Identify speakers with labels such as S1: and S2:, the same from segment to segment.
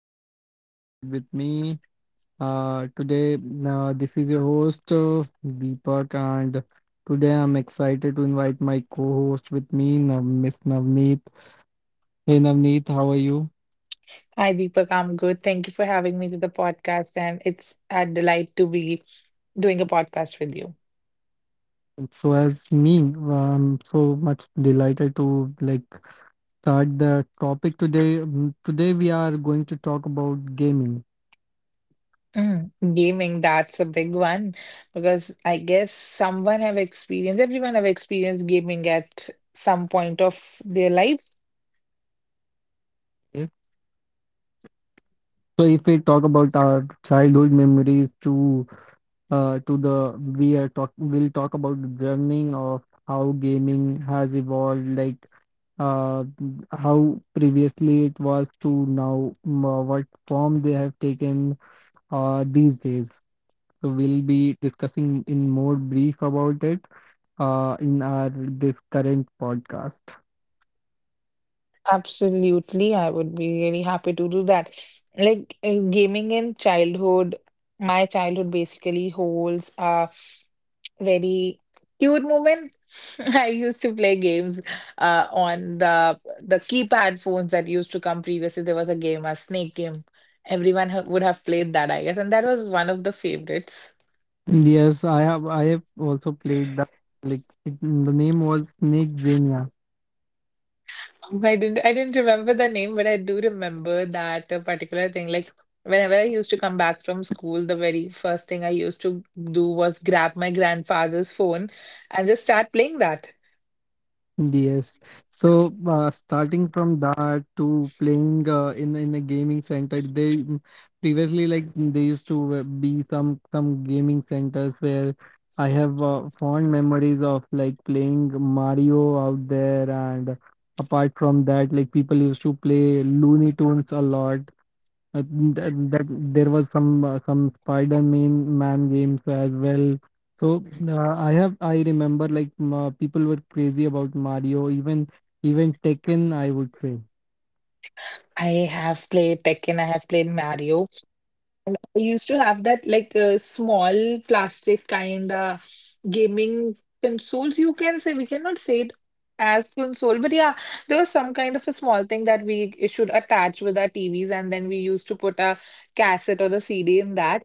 S1: welcome to our channel Vibe with me. Today, this is your host Deepak, and today I'm excited to invite my co-host with me, Miss Navneet. Hey Navneet, how are you?
S2: Hi, Deepak. I'm good. Thank you for having me to the podcast, and it's a delight to be doing a podcast with you.
S1: So as me, I'm so much delighted to like start the topic today. Today we are going to talk about gaming.
S2: Gaming, that's a big one because I guess someone have experienced, everyone have experienced gaming at some point of their life.
S1: Okay? So if we talk about our childhood memories to the we are talk we'll talk about the journey of how gaming has evolved, like uh how previously it was to now what form they have taken these days. So we'll be discussing in more brief about it in our this current podcast.
S2: Absolutely, I would be really happy to do that. Like gaming in childhood, my childhood basically holds a very cute moment. I used to play games on the keypad phones that used to come previously. There was a game, a snake game. Everyone ha would have played that, I guess, and that was one of the favorites.
S1: Yes, I have also played that. Like it, the name was snake.
S2: I didn't remember the name, but I do remember that particular thing. Like whenever I used to come back from school, the very first thing I used to do was grab my grandfather's phone and just start playing that.
S1: Yes. So starting from that to playing in a gaming center, they previously like they used to be some gaming centers where I have fond memories of like playing Mario out there, and apart from that, like people used to play Looney Tunes a lot. Uh, that, that there was some Spider-Man man games as well. So I remember like people were crazy about Mario, even Tekken, I would say.
S2: I have played Tekken, I have played Mario. And I used to have that like small plastic kind of gaming consoles. You can say we cannot say it as console, but yeah, there was some kind of a small thing that we should attach with our TVs, and then we used to put a cassette or the CD in that.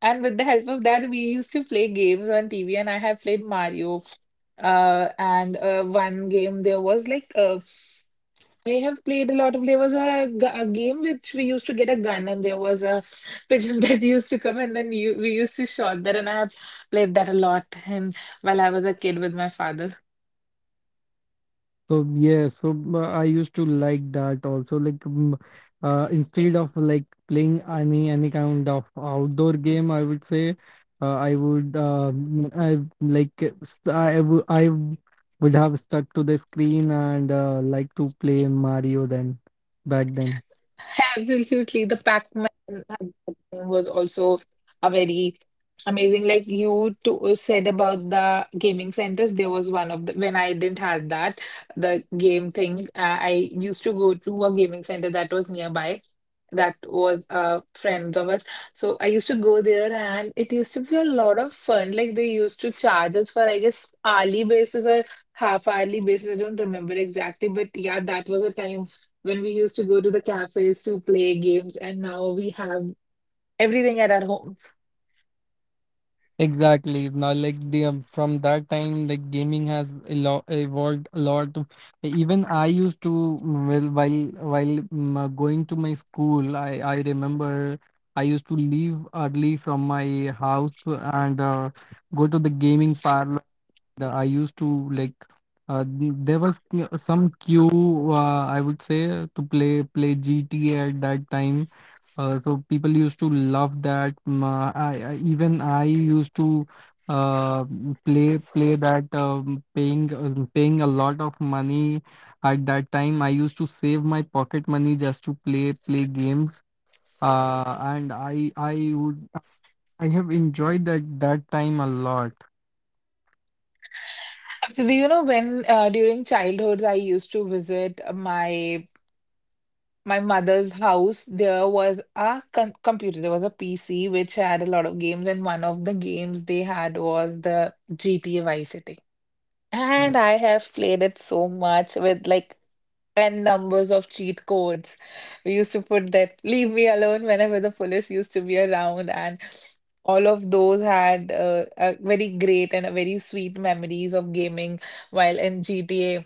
S2: And with the help of that, we used to play games on TV, and I have played Mario. And one game there was like I have played a lot of. There was a, a game which we used to get a gun, and there was a pigeon that used to come, and then we used to shot that. And I have played that a lot, and while I was a kid with my father,
S1: So yeah, so I used to like that also. Like instead of like playing any kind of outdoor game, I would say I would mm, I like st- I would I w- would have stuck to the screen and like to play Mario then back then.
S2: absolutely. The Pac-Man game was also a very amazing. Like said about the gaming centers, there was one of the when I didn't have that the game thing. I used to go to a gaming center that was nearby that was friends of us. So I used to go there and it used to be a lot of fun. Like they used to charge us for I guess hourly basis or half hourly basis. I don't remember exactly, but yeah, that was a time when we used to go to the cafes to play games and now we have everything at our home.
S1: Exactly. Now, like the from that time, like gaming has a lot evolved a lot. Even I used to well while while going to my school, I remember I used to leave early from my house and go to the gaming parlor. The I used to like n- There was some queue, I would say, to play GTA at that time. So people used to love that. I used to play that, paying a lot of money at that time. I used to save my pocket money just to play games, and I have enjoyed that that time a lot.
S2: Actually, you know, when during childhood I used to visit my mother's house, there was a con computer. There was a PC which had a lot of games, and one of the games they had was the GTA Vice City. And I have played it so much with like and numbers of cheat codes. We used to put that leave me alone whenever the police used to be around, and all of those had a very great and a very sweet memories of gaming. While in GTA,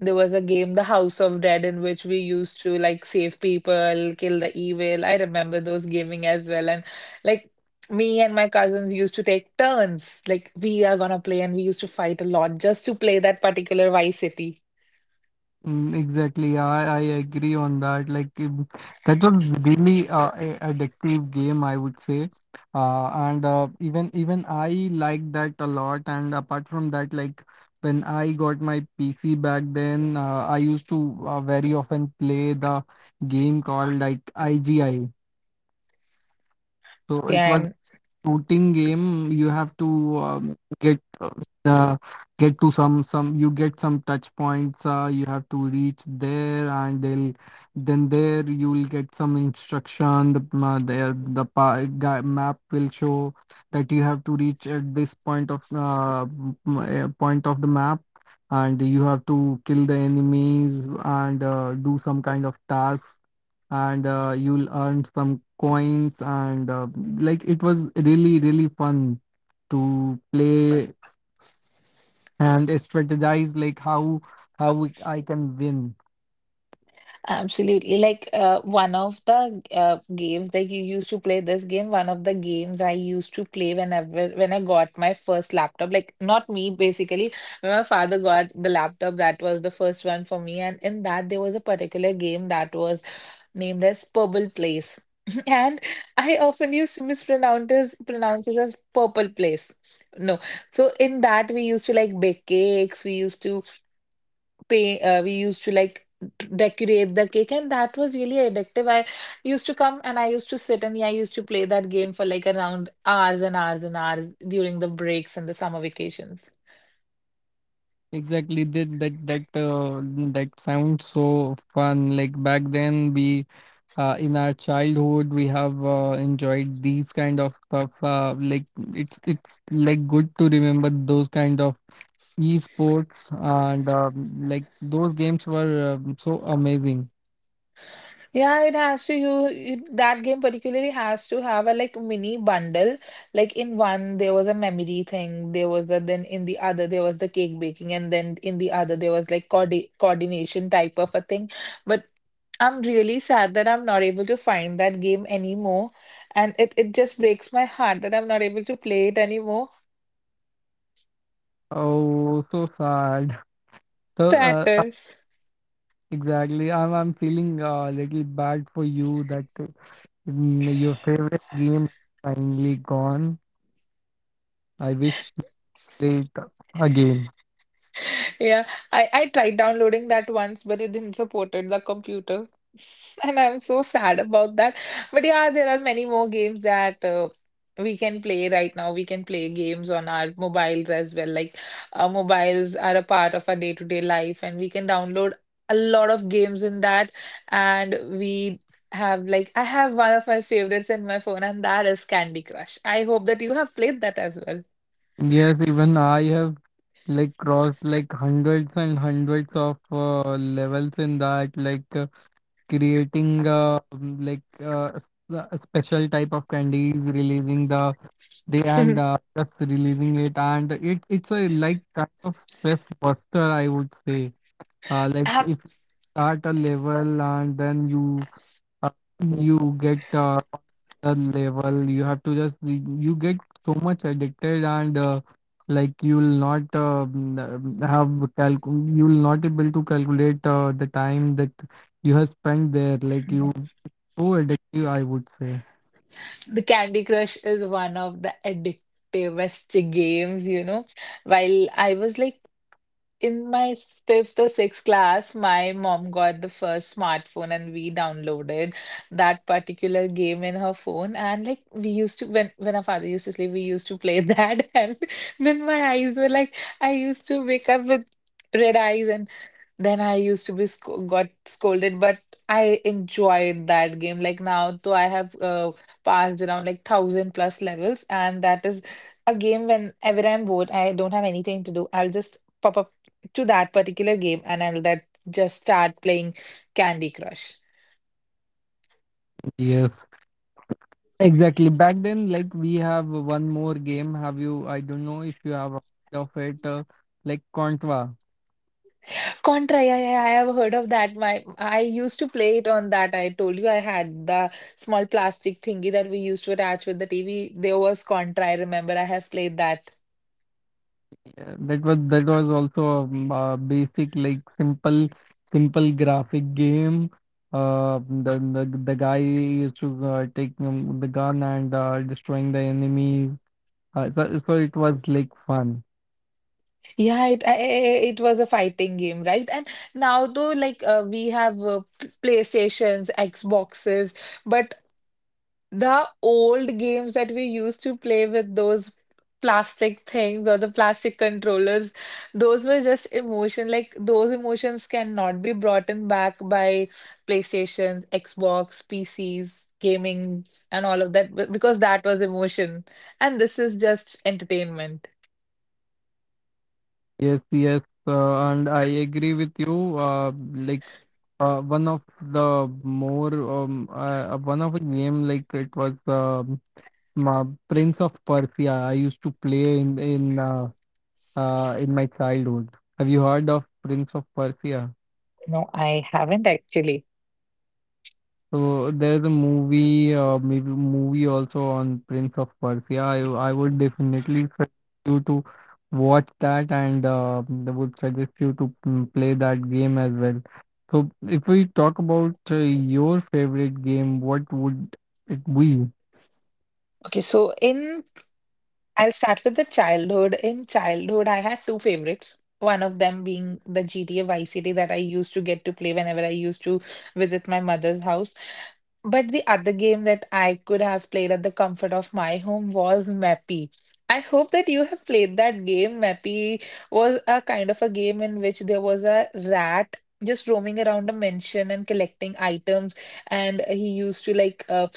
S2: there was a game, The House of Dead, in which we used to like save people, kill the evil. I remember those gaming as well, and like. Me and my cousins used to take turns, like we are gonna play, and we used to fight a lot just to play that particular Vice City.
S1: Exactly, I agree on that. Like, that's a really addictive game, I would say. And even I like that a lot. And apart from that, like when I got my PC back then, I used to very often play the game called like IGI.
S2: Okay,
S1: So
S2: I'm.
S1: it was shooting game. You have to get uh, the get to some touch points. You have to reach there, and they'll then there you will get some instruction. The guy map will show that you have to reach at this point of point of the map, and you have to kill the enemies and do some kind of tasks, and you'll earn some coins, and like it was really really fun to play and strategize like how I can win.
S2: Absolutely. Like one of the games that you used to play this game, one of the games I used to play whenever when I got my first laptop, like not me basically, when my father got the laptop, that was the first one for me. And in that there was a particular game that was named as Purple Place. And I often used to mispronounce it, pronounce it as Purple Place. No. So in that we used to like bake cakes, we used to pay, we used to like decorate the cake, and that was really addictive. I used to come and I used to sit and yeah, I used to play that game for like around hours and hours and hours during the breaks and the summer vacations.
S1: Exactly that sounds so fun. Like back then we in our childhood we have enjoyed these kind of stuff. Like it's like good to remember those kind of esports, and like those games were so amazing.
S2: Yeah, it has to you that game particularly has to have a like mini bundle. Like in one there was a memory thing, there was the then in the other there was the cake baking, and then in the other there was like coordination type of a thing. But I'm really sad that I'm not able to find that game anymore, and it just breaks my heart that I'm not able to play it anymore.
S1: Oh, so sad.
S2: That
S1: So
S2: is.
S1: exactly, I'm feeling a little bad for you that your favorite game finally gone. I wish you played again.
S2: Yeah, I tried downloading that once, but it didn't supported the computer. And I'm so sad about that. But yeah, there are many more games that we can play right now. We can play games on our mobiles as well. Like our mobiles are a part of our day-to-day life, and we can download a lot of games in that. And we have like I have one of my favorites in my phone, and that is Candy Crush. I hope that you have played that as
S1: Yes, even I have like crossed like hundreds and hundreds of levels in that. Like creating uh, um, like uh, s- a special type of candies releasing the day,
S2: well.
S1: and just releasing it, and it's a like kind of stress buster, I would say. Like if you start a level and then uh, you get the level, you have to just you get so much addicted and like you'll not have you'll not able to calculate the time that you have spent there.
S2: Um,
S1: Like you so addictive, I would say.
S2: The Candy Crush is one of the addictivest games, you know. While I was like in my fifth or sixth class, my mom got the first smartphone and we downloaded that particular game in her phone. And like we used to, when our father used to sleep, we used to play that. And then my eyes were like, I used to wake up with red eyes and then I used to be sco got scolded, but I enjoyed that game. Like now, though I have passed around like thousand plus levels, and that is a game whenever I'm bored, I don't have anything to do. I'll just pop up to that particular game, and I'll that just start playing Candy Crush.
S1: Yes, exactly. Back then, like we have one more game. Have you? I don't know if you have heard of it. Like Contra.
S2: Contra, yeah, yeah, I have heard of that. My I used to play it on that. I told you I had the small plastic thingy that we used to attach with the TV. There was Contra. I remember I have played that.
S1: Yeah, that was also a basic like simple graphic game. Uh, the guy used to take the gun and destroying the enemies. So it was like fun.
S2: Yeah, it was a fighting game, right? And now though, like we have PlayStations, Xboxes, but the old games that we used to play with those plastic things or the plastic controllers, those were just emotion. Like those emotions cannot be brought in back by PlayStation, Xbox, PCs, gamings, and all of that because that was emotion, and this is just entertainment.
S1: Yes, yes, and I agree with you. Like One of the more one of the game like it was Prince of Persia. I used to play in my childhood. Have you heard of Prince of Persia?
S2: No, I haven't actually.
S1: So there's a movie, maybe movie also on Prince of Persia. I would definitely suggest you to watch that, and I would suggest you to play that game as well. So if we talk about your favorite game, what would it be?
S2: Okay, so in I'll start with the childhood. In childhood, I had two favorites. One of them being the GTA Vice City that I used to get to play whenever I used to visit my mother's house. But the other game that I could have played at the comfort of my home was Mappy. I hope that you have played that game. Mappy was a kind of a game in which there was a rat just roaming around a mansion and collecting items, and he used to like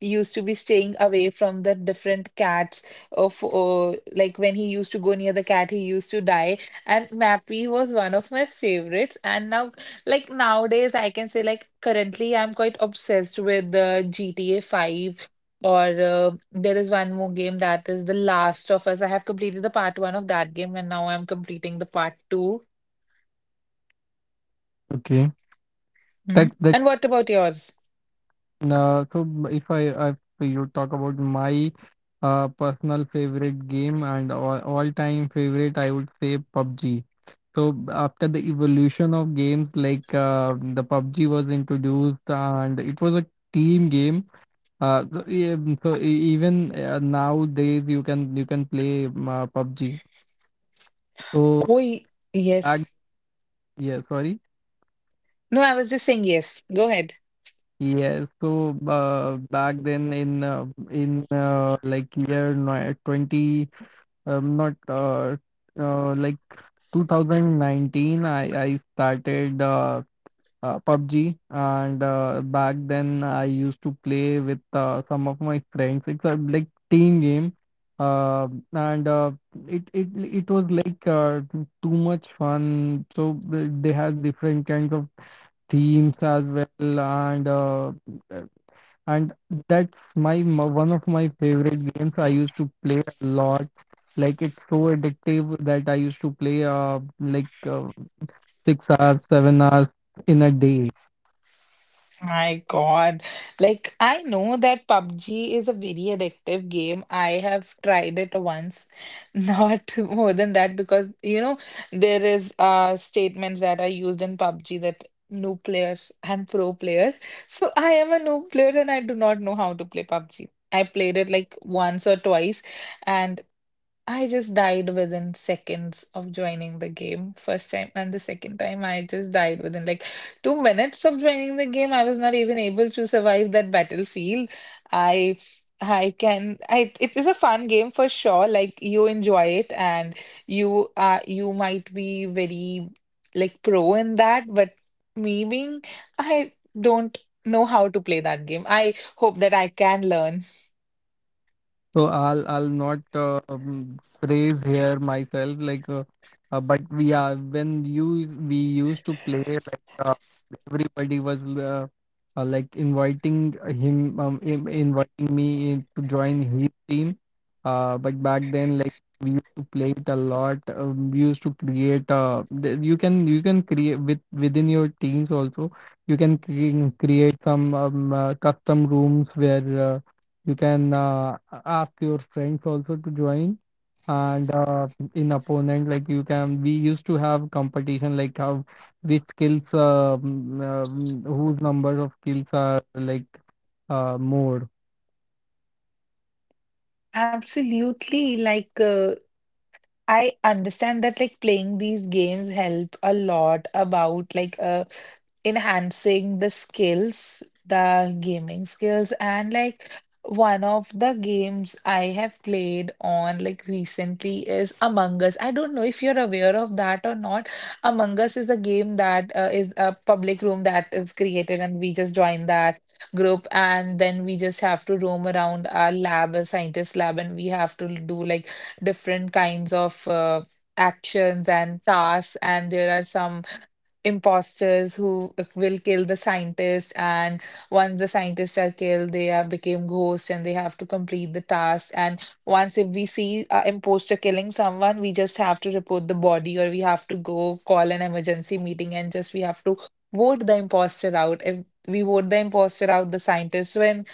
S2: used to be staying away from the different cats of like when he used to go near the cat he used to die, and Mappy was one of my favorites. And now, like nowadays, I can say, like currently I'm quite obsessed with the GTA 5, or there is one more game that is The Last of Us. I have completed the part one of that game, and now I'm completing the part 2.
S1: Okay,
S2: Mhm. And
S1: that's
S2: what about yours?
S1: So m- if I, I if you talk about my personal favorite game, and all time favorite, I would say PUBG. So after the evolution of games, like the PUBG was introduced and it was a team game. So, e- so e- even Nowadays you can play PUBG.
S2: Oh,
S1: So
S2: yes.
S1: back yeah, sorry.
S2: No, I was just saying yes, go ahead.
S1: Yes, so back then in like year 20 not like 2019, I started PUBG, and back then I used to play with some of my friends. It's a like team game, uh, and it it it was like too much fun. So they had different kinds of themes as well, and and that's one of my favorite games. I used to play a lot. Like it's so addictive that I used to play like uh, 6 hours 7 hours in a day.
S2: My God. Like, I know that PUBG is a very addictive game. I have tried it once, not more than that, because, you know, there is statements that are used in PUBG that noob player and pro player. So I am a noob player and I do not know how to play PUBG. I played it like once or twice, and I just died within seconds of joining the game first time, and the second time I just died within like 2 minutes of joining the game. I was not even able to survive that battlefield. I I it is a fun game for sure. Like you enjoy it and you might be very like pro in that, but me being I don't know how to play that game. I hope that I can learn.
S1: So I'll not praise here myself like but yeah, when you we used to play like everybody was like inviting me in to join his team. But back then like we used to play it a lot. We used to create you can create with within your teams also. You can create some custom rooms where you can ask your friends also to join. And in opponent, like we used to have competition, like how which skills, whose number of kills are like more.
S2: Absolutely. Like, I understand that like playing these games help a lot about like enhancing the skills, the gaming skills, and like one of the games I have played on like recently is Among Us. I don't know if you're aware of that or not. Among Us is a game that is a public room that is created and we just join that group, and then we just have to roam around our lab, a scientist lab, and we have to do like different kinds of actions and tasks, and there are some imposters who will kill the scientist. And once the scientists are killed, they are became ghosts and they have to complete the task. And once if we see an imposter killing someone, we just have to report the body or we have to go call an emergency meeting, and just we have to vote the imposter out. If we vote the imposter out, the scientist win.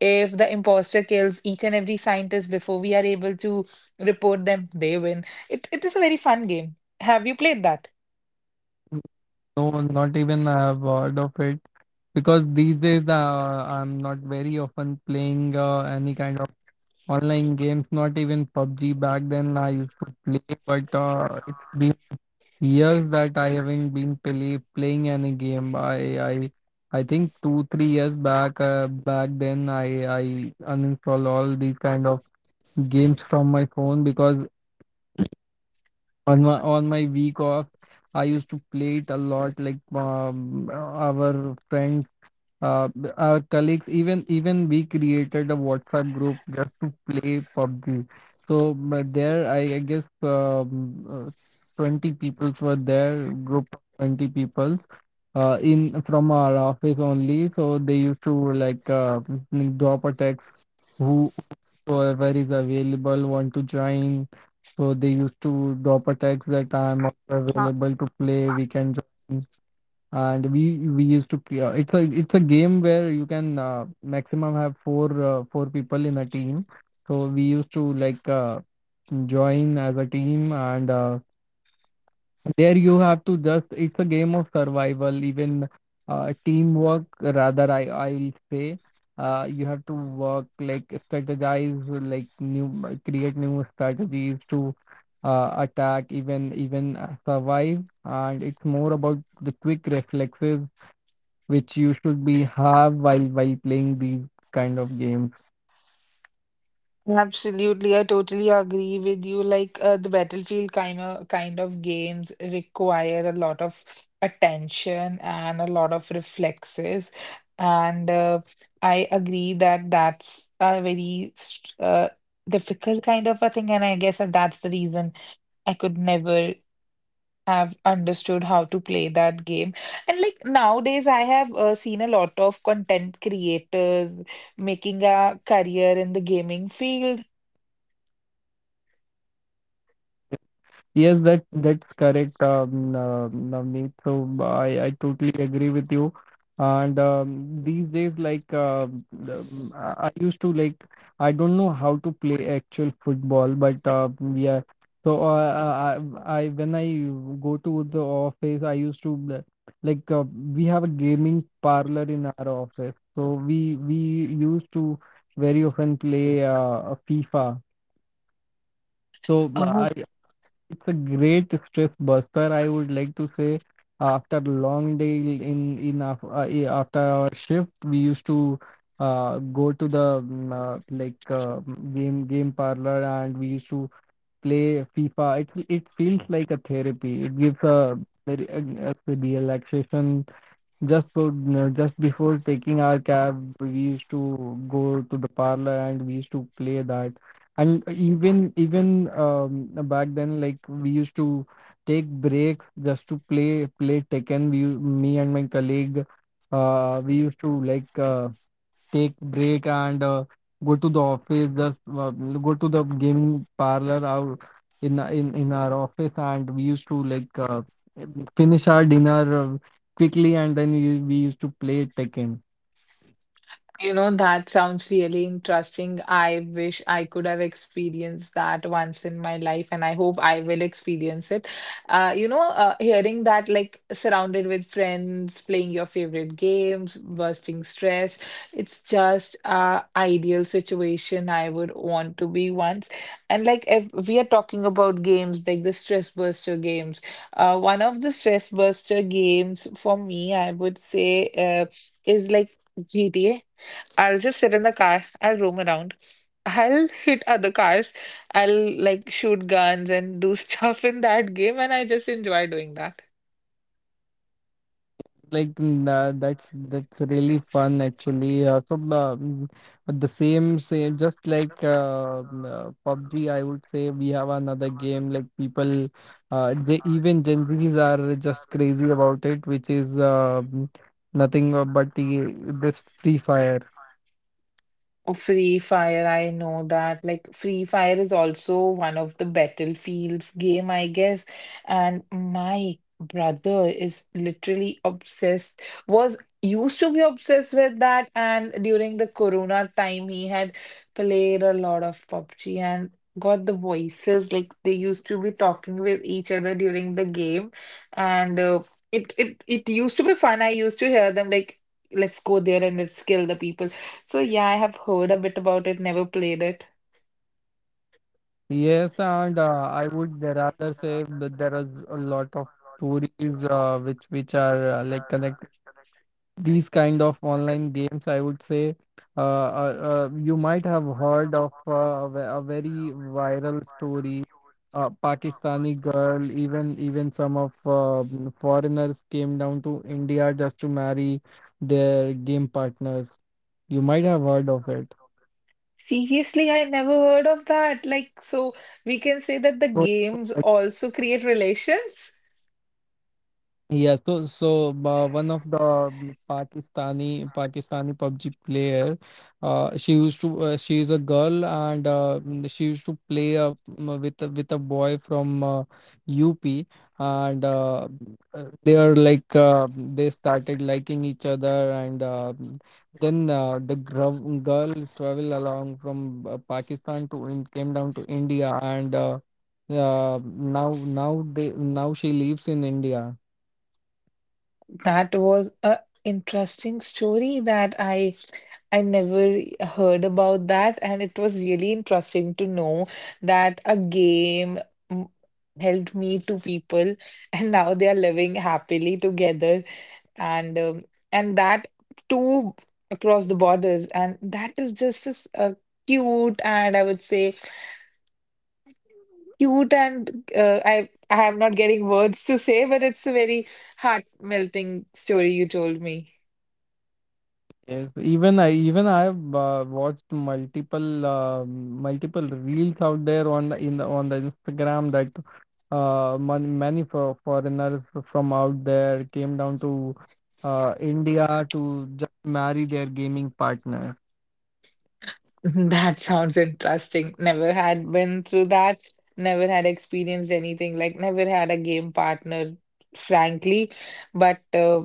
S2: If the imposter kills each and every scientist before we are able to report them, they win it. Is a very fun game. Have you played that?
S1: No, not even I have heard of it, because these days I'm not very often playing any kind of online games. Not even PUBG back then I used to play, but it's been years that I haven't been playing any game. I think 2 3 years back. Back then I uninstall all these kind of games from my phone, because on my week off I used to play it a lot. Like our friends. Our colleagues, even we created a WhatsApp group just to play PUBG. So, but there, I guess 20 people were there, group of 20 people in from our office only. So they used to like drop a text who whoever is available want to join. So they used to drop a text that I'm also available to play. We can join, and we used to play. It's a it's a game where you can maximum have four people in a team. So we used to like join as a team, and there you have to just. It's a game of survival, even teamwork. Rather, I I'll say. You have to work like strategize, like new create new strategies to attack, even survive. And it's more about the quick reflexes which you should be have while playing these kind of games.
S2: Absolutely, I totally agree with you. Like the Battlefield kind of games require a lot of attention and a lot of reflexes, and I agree that that's a very st- difficult kind of a thing, and I guess that that's the reason I could never have understood how to play that game. And like nowadays, I have seen a lot of content creators making a career in the gaming field.
S1: Yes, that that's correct, Navneet. So I totally agree with you. And these days, like I used to like I don't know how to play actual football, but yeah. So when I go to the office, I used to we have a gaming parlor in our office, so we used to very often play FIFA. So I it's a great stress buster, I would like to say. After long day after our shift, we used to go to the game parlor and we used to play FIFA. It feels like a therapy. It gives a very a relaxation just for no, just before taking our cab, we used to go to the parlor and we used to play that. And even back then, like we used to take breaks just to play Tekken. We, me and my colleague, we used to take break and go to the office just go to the gaming parlor out in our office and we used to finish our dinner quickly and then we used to play Tekken.
S2: You know, that sounds really interesting. I wish I could have experienced that once in my life, and I hope I will experience it. Hearing that, like, surrounded with friends, playing your favorite games, bursting stress, it's just a ideal situation I would want to be once. And like if we are talking about games, like the stress buster games, one of the stress buster games for me, I would say, is like GTA. I'll just sit in the car. I'll roam around. I'll hit other cars. I'll like shoot guns and do stuff in that game, and I just enjoy doing that.
S1: That's really fun actually. The same, just like PUBG, I would say. We have another game like people, J even Gen Zs are just crazy about it, which is nothing but this Free Fire.
S2: Oh, Free Fire, I know that. Like, Free Fire is also one of the Battlefields game, I guess. And my brother is literally obsessed, was used to be obsessed with that. And during the Corona time, he had played a lot of PUBG and got the voices. Like, they used to be talking with each other during the game. And it used to be fun. I used to hear them like, let's go there and let's kill the people. So yeah, I have heard a bit about it, never played it.
S1: Yes, and I would rather say that there is a lot of stories which are like connected. These kind of online games, I would say, you might have heard of a very viral story. A Pakistani girl, even even some of foreigners came down to India just to marry their game partners. You might have heard of it.
S2: Seriously, I never heard of that. Like, so we can say that the
S1: so
S2: games also create relations.
S1: Yeah, so one of the Pakistani PUBG player, she used to she is a girl and she used to play with with a boy from UP. And They are they started liking each other, and then the girl traveled along from came down to India, and now she lives in India.
S2: That was a interesting story that I never heard about that, and it was really interesting to know that a game mm, helped me to people, and now they are living happily together. and um, and that too across the borders, and that is just as cute, and I would say cute and I am not getting words to say, but it's a very heart melting story you told me.
S1: Yes, even I've watched multiple multiple reels out there on the Instagram that foreigners from out there came down to India to just marry their gaming partner.
S2: That sounds interesting. Never had been through that. Never had experienced anything like never had a game partner, frankly. But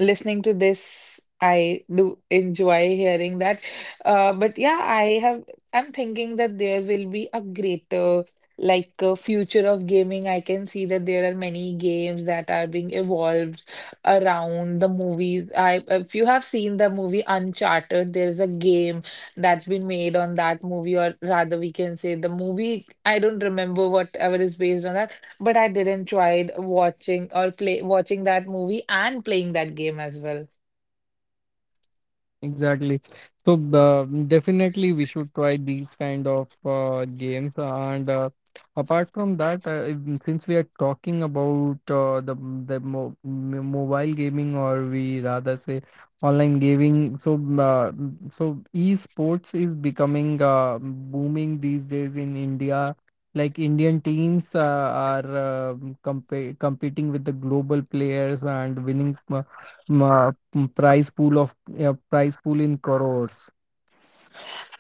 S2: listening to this, I do enjoy hearing that. But yeah, I have. I'm thinking that there will be a greater future of gaming. I can see that there are many games that are being evolved around the movies. I if you have seen the movie Uncharted, there's a game that's been made on that movie, or rather, we can say the movie. I don't remember whatever is based on that, but I did enjoy watching or play watching that movie and playing that game as well.
S1: Exactly. So definitely we should try these kind of games. And apart from that, since we are talking about mobile gaming, or we rather say online gaming, so so esports is becoming booming these days in India. Like Indian teams are comp competing with the global players and winning. Prize pool of, yeah, price pool in crores.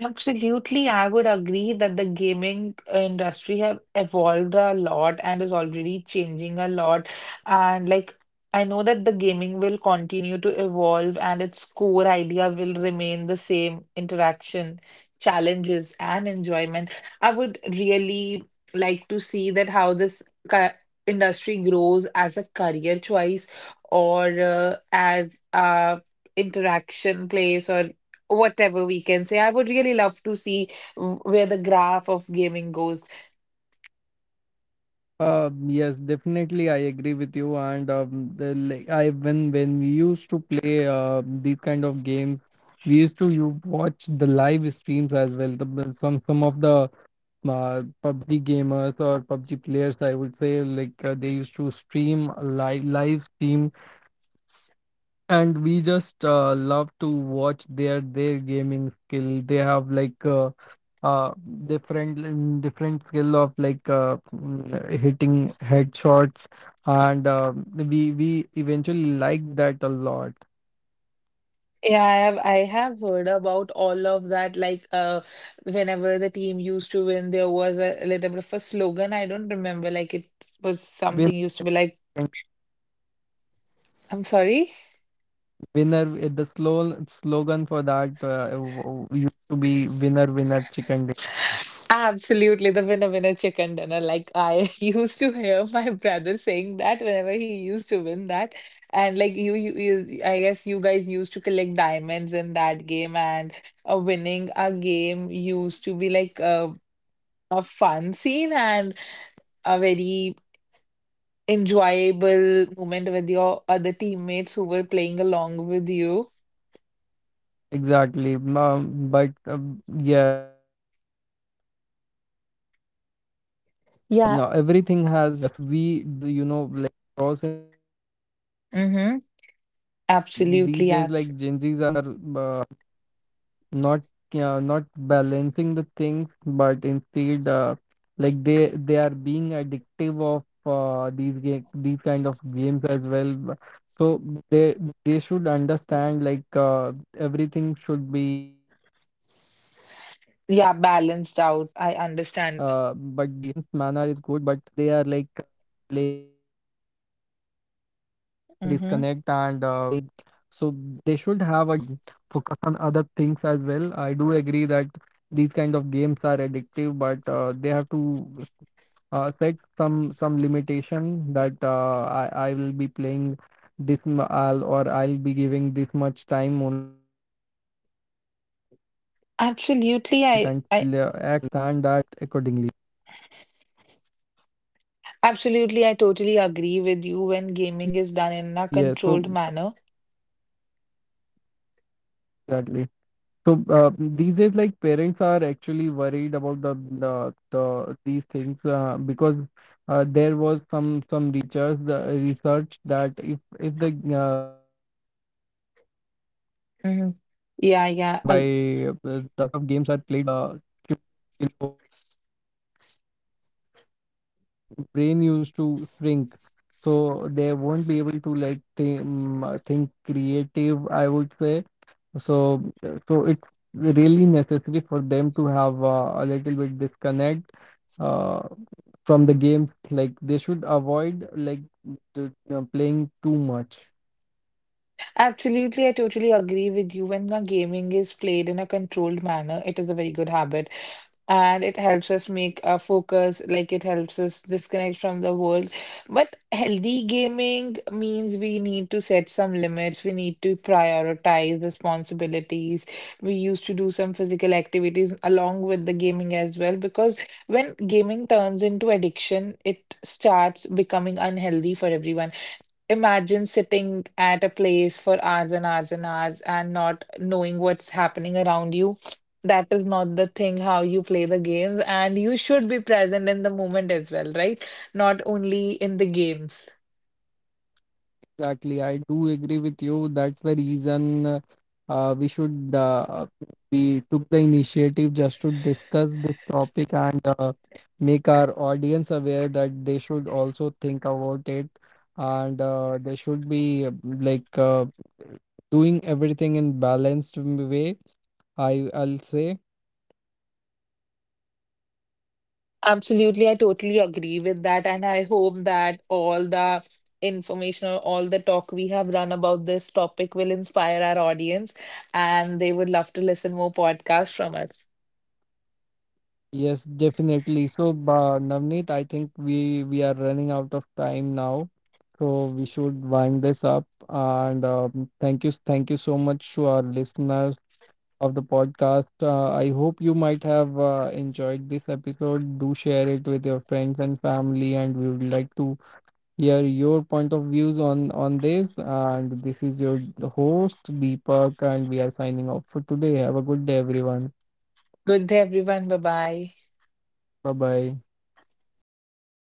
S2: Absolutely, I would agree that the gaming industry have evolved a lot and is already changing a lot. And like I know that the gaming will continue to evolve and its core idea will remain the same, interaction, challenges, and enjoyment. I would really like to see that how ca- industry grows as a career choice or as a interaction place or whatever we can say. I would really love to see where the graph of gaming goes.
S1: Yes, definitely, I agree with you. And the, like, I when we used to play these kind of games, we used to you watch the live streams as well. Some of the PUBG gamers or PUBG players, I would say, they used to stream live stream, and we just love to watch their gaming skill they have, like, uh different in different skill of hitting headshots. And we eventually like that a lot.
S2: Yeah, I have heard about all of that. Like whenever the team used to win, there was a little bit of a slogan. I don't remember, like it was
S1: Winner,
S2: something used to be like, I'm sorry.
S1: winner eh, the slow slogan for that, used to be winner winner chicken.
S2: Absolutely, the winner winner chicken dinner. Like I used to hear my brother saying that whenever he used to win that, and like you I guess you guys used to collect diamonds in that game, and winning a game used to be like a fun scene and a very enjoyable moment with your other teammates who were playing along with you.
S1: Exactly. But yeah, so since we are talking about the games, so we
S2: Yeah.
S1: now everything has, you know, like pros and cons as well. So
S2: Mm-hmm.
S1: since these
S2: Absolutely.
S1: days,
S2: Ab
S1: like Gen Zs are not not balancing the things but instead, like they are being addictive of these kind of games as well. So they they should understand, like, everything should be everything done in a balanced
S2: yeah,
S1: manner is
S2: balanced
S1: good,
S2: out. I understand.
S1: but they are like playing a lot, so they should have a
S2: Mm-hmm.
S1: disconnect and focus on other things as well. I do agree that these kind of games are addictive, but they have to set some limitation that I will be playing this m- I'll, or I'll be giving this much time only to this thing, and they have to understand
S2: Absolutely,
S1: that and act accordingly.
S2: I totally agree with you when gaming
S1: yeah
S2: is done
S1: so
S2: in a controlled manner.
S1: exactly So these days, like parents are actually worried about the these things, because there was some research, the research, that if the uh, these kind
S2: Mhm.
S1: of games are
S2: Yeah,
S1: played
S2: yeah.
S1: by the children below like 12 13 years, now their brain used to shrink, so they won't be able to like think, think creative, I would say. So so it's really necessary for them to have a little bit disconnect uh, from the game. Like, they should avoid like the, you know, playing too much.
S2: Absolutely, I totally agree with you when the gaming is played in a controlled manner. It is a very good habit. And it helps us make a focus, like it helps us disconnect from the world. But healthy gaming means we need to set some limits, we need to prioritize responsibilities. We used to do some physical activities along with the gaming as well, because when gaming turns into addiction, it starts becoming unhealthy for everyone. Imagine sitting at a place for hours and hours and hours and not knowing what's happening around you. That is not the thing how you play the game, and you should be present in the moment as well, right? Not only in the games.
S1: Exactly, I do agree with you. That's the reason we should we took the initiative just to discuss this topic and make our audience aware that they should also think about it, and they should be, doing everything in balanced way, I I'll say.
S2: Absolutely, I totally agree with that, and I hope that all the information or all the talk we have done about this topic will inspire our audience, and they would love to listen more podcasts from us.
S1: Yes, definitely. So, Navneet, I think we are running out of time now, so we should wind this up. And thank you so much to our listeners of the podcast. I hope you might have enjoyed this episode. Do share it with your friends and family, and we would like to hear your point of views on this. And this is your host Deepak, and we are signing off for today. Have a good day, everyone.
S2: Good day, everyone. Bye bye.
S1: Bye bye.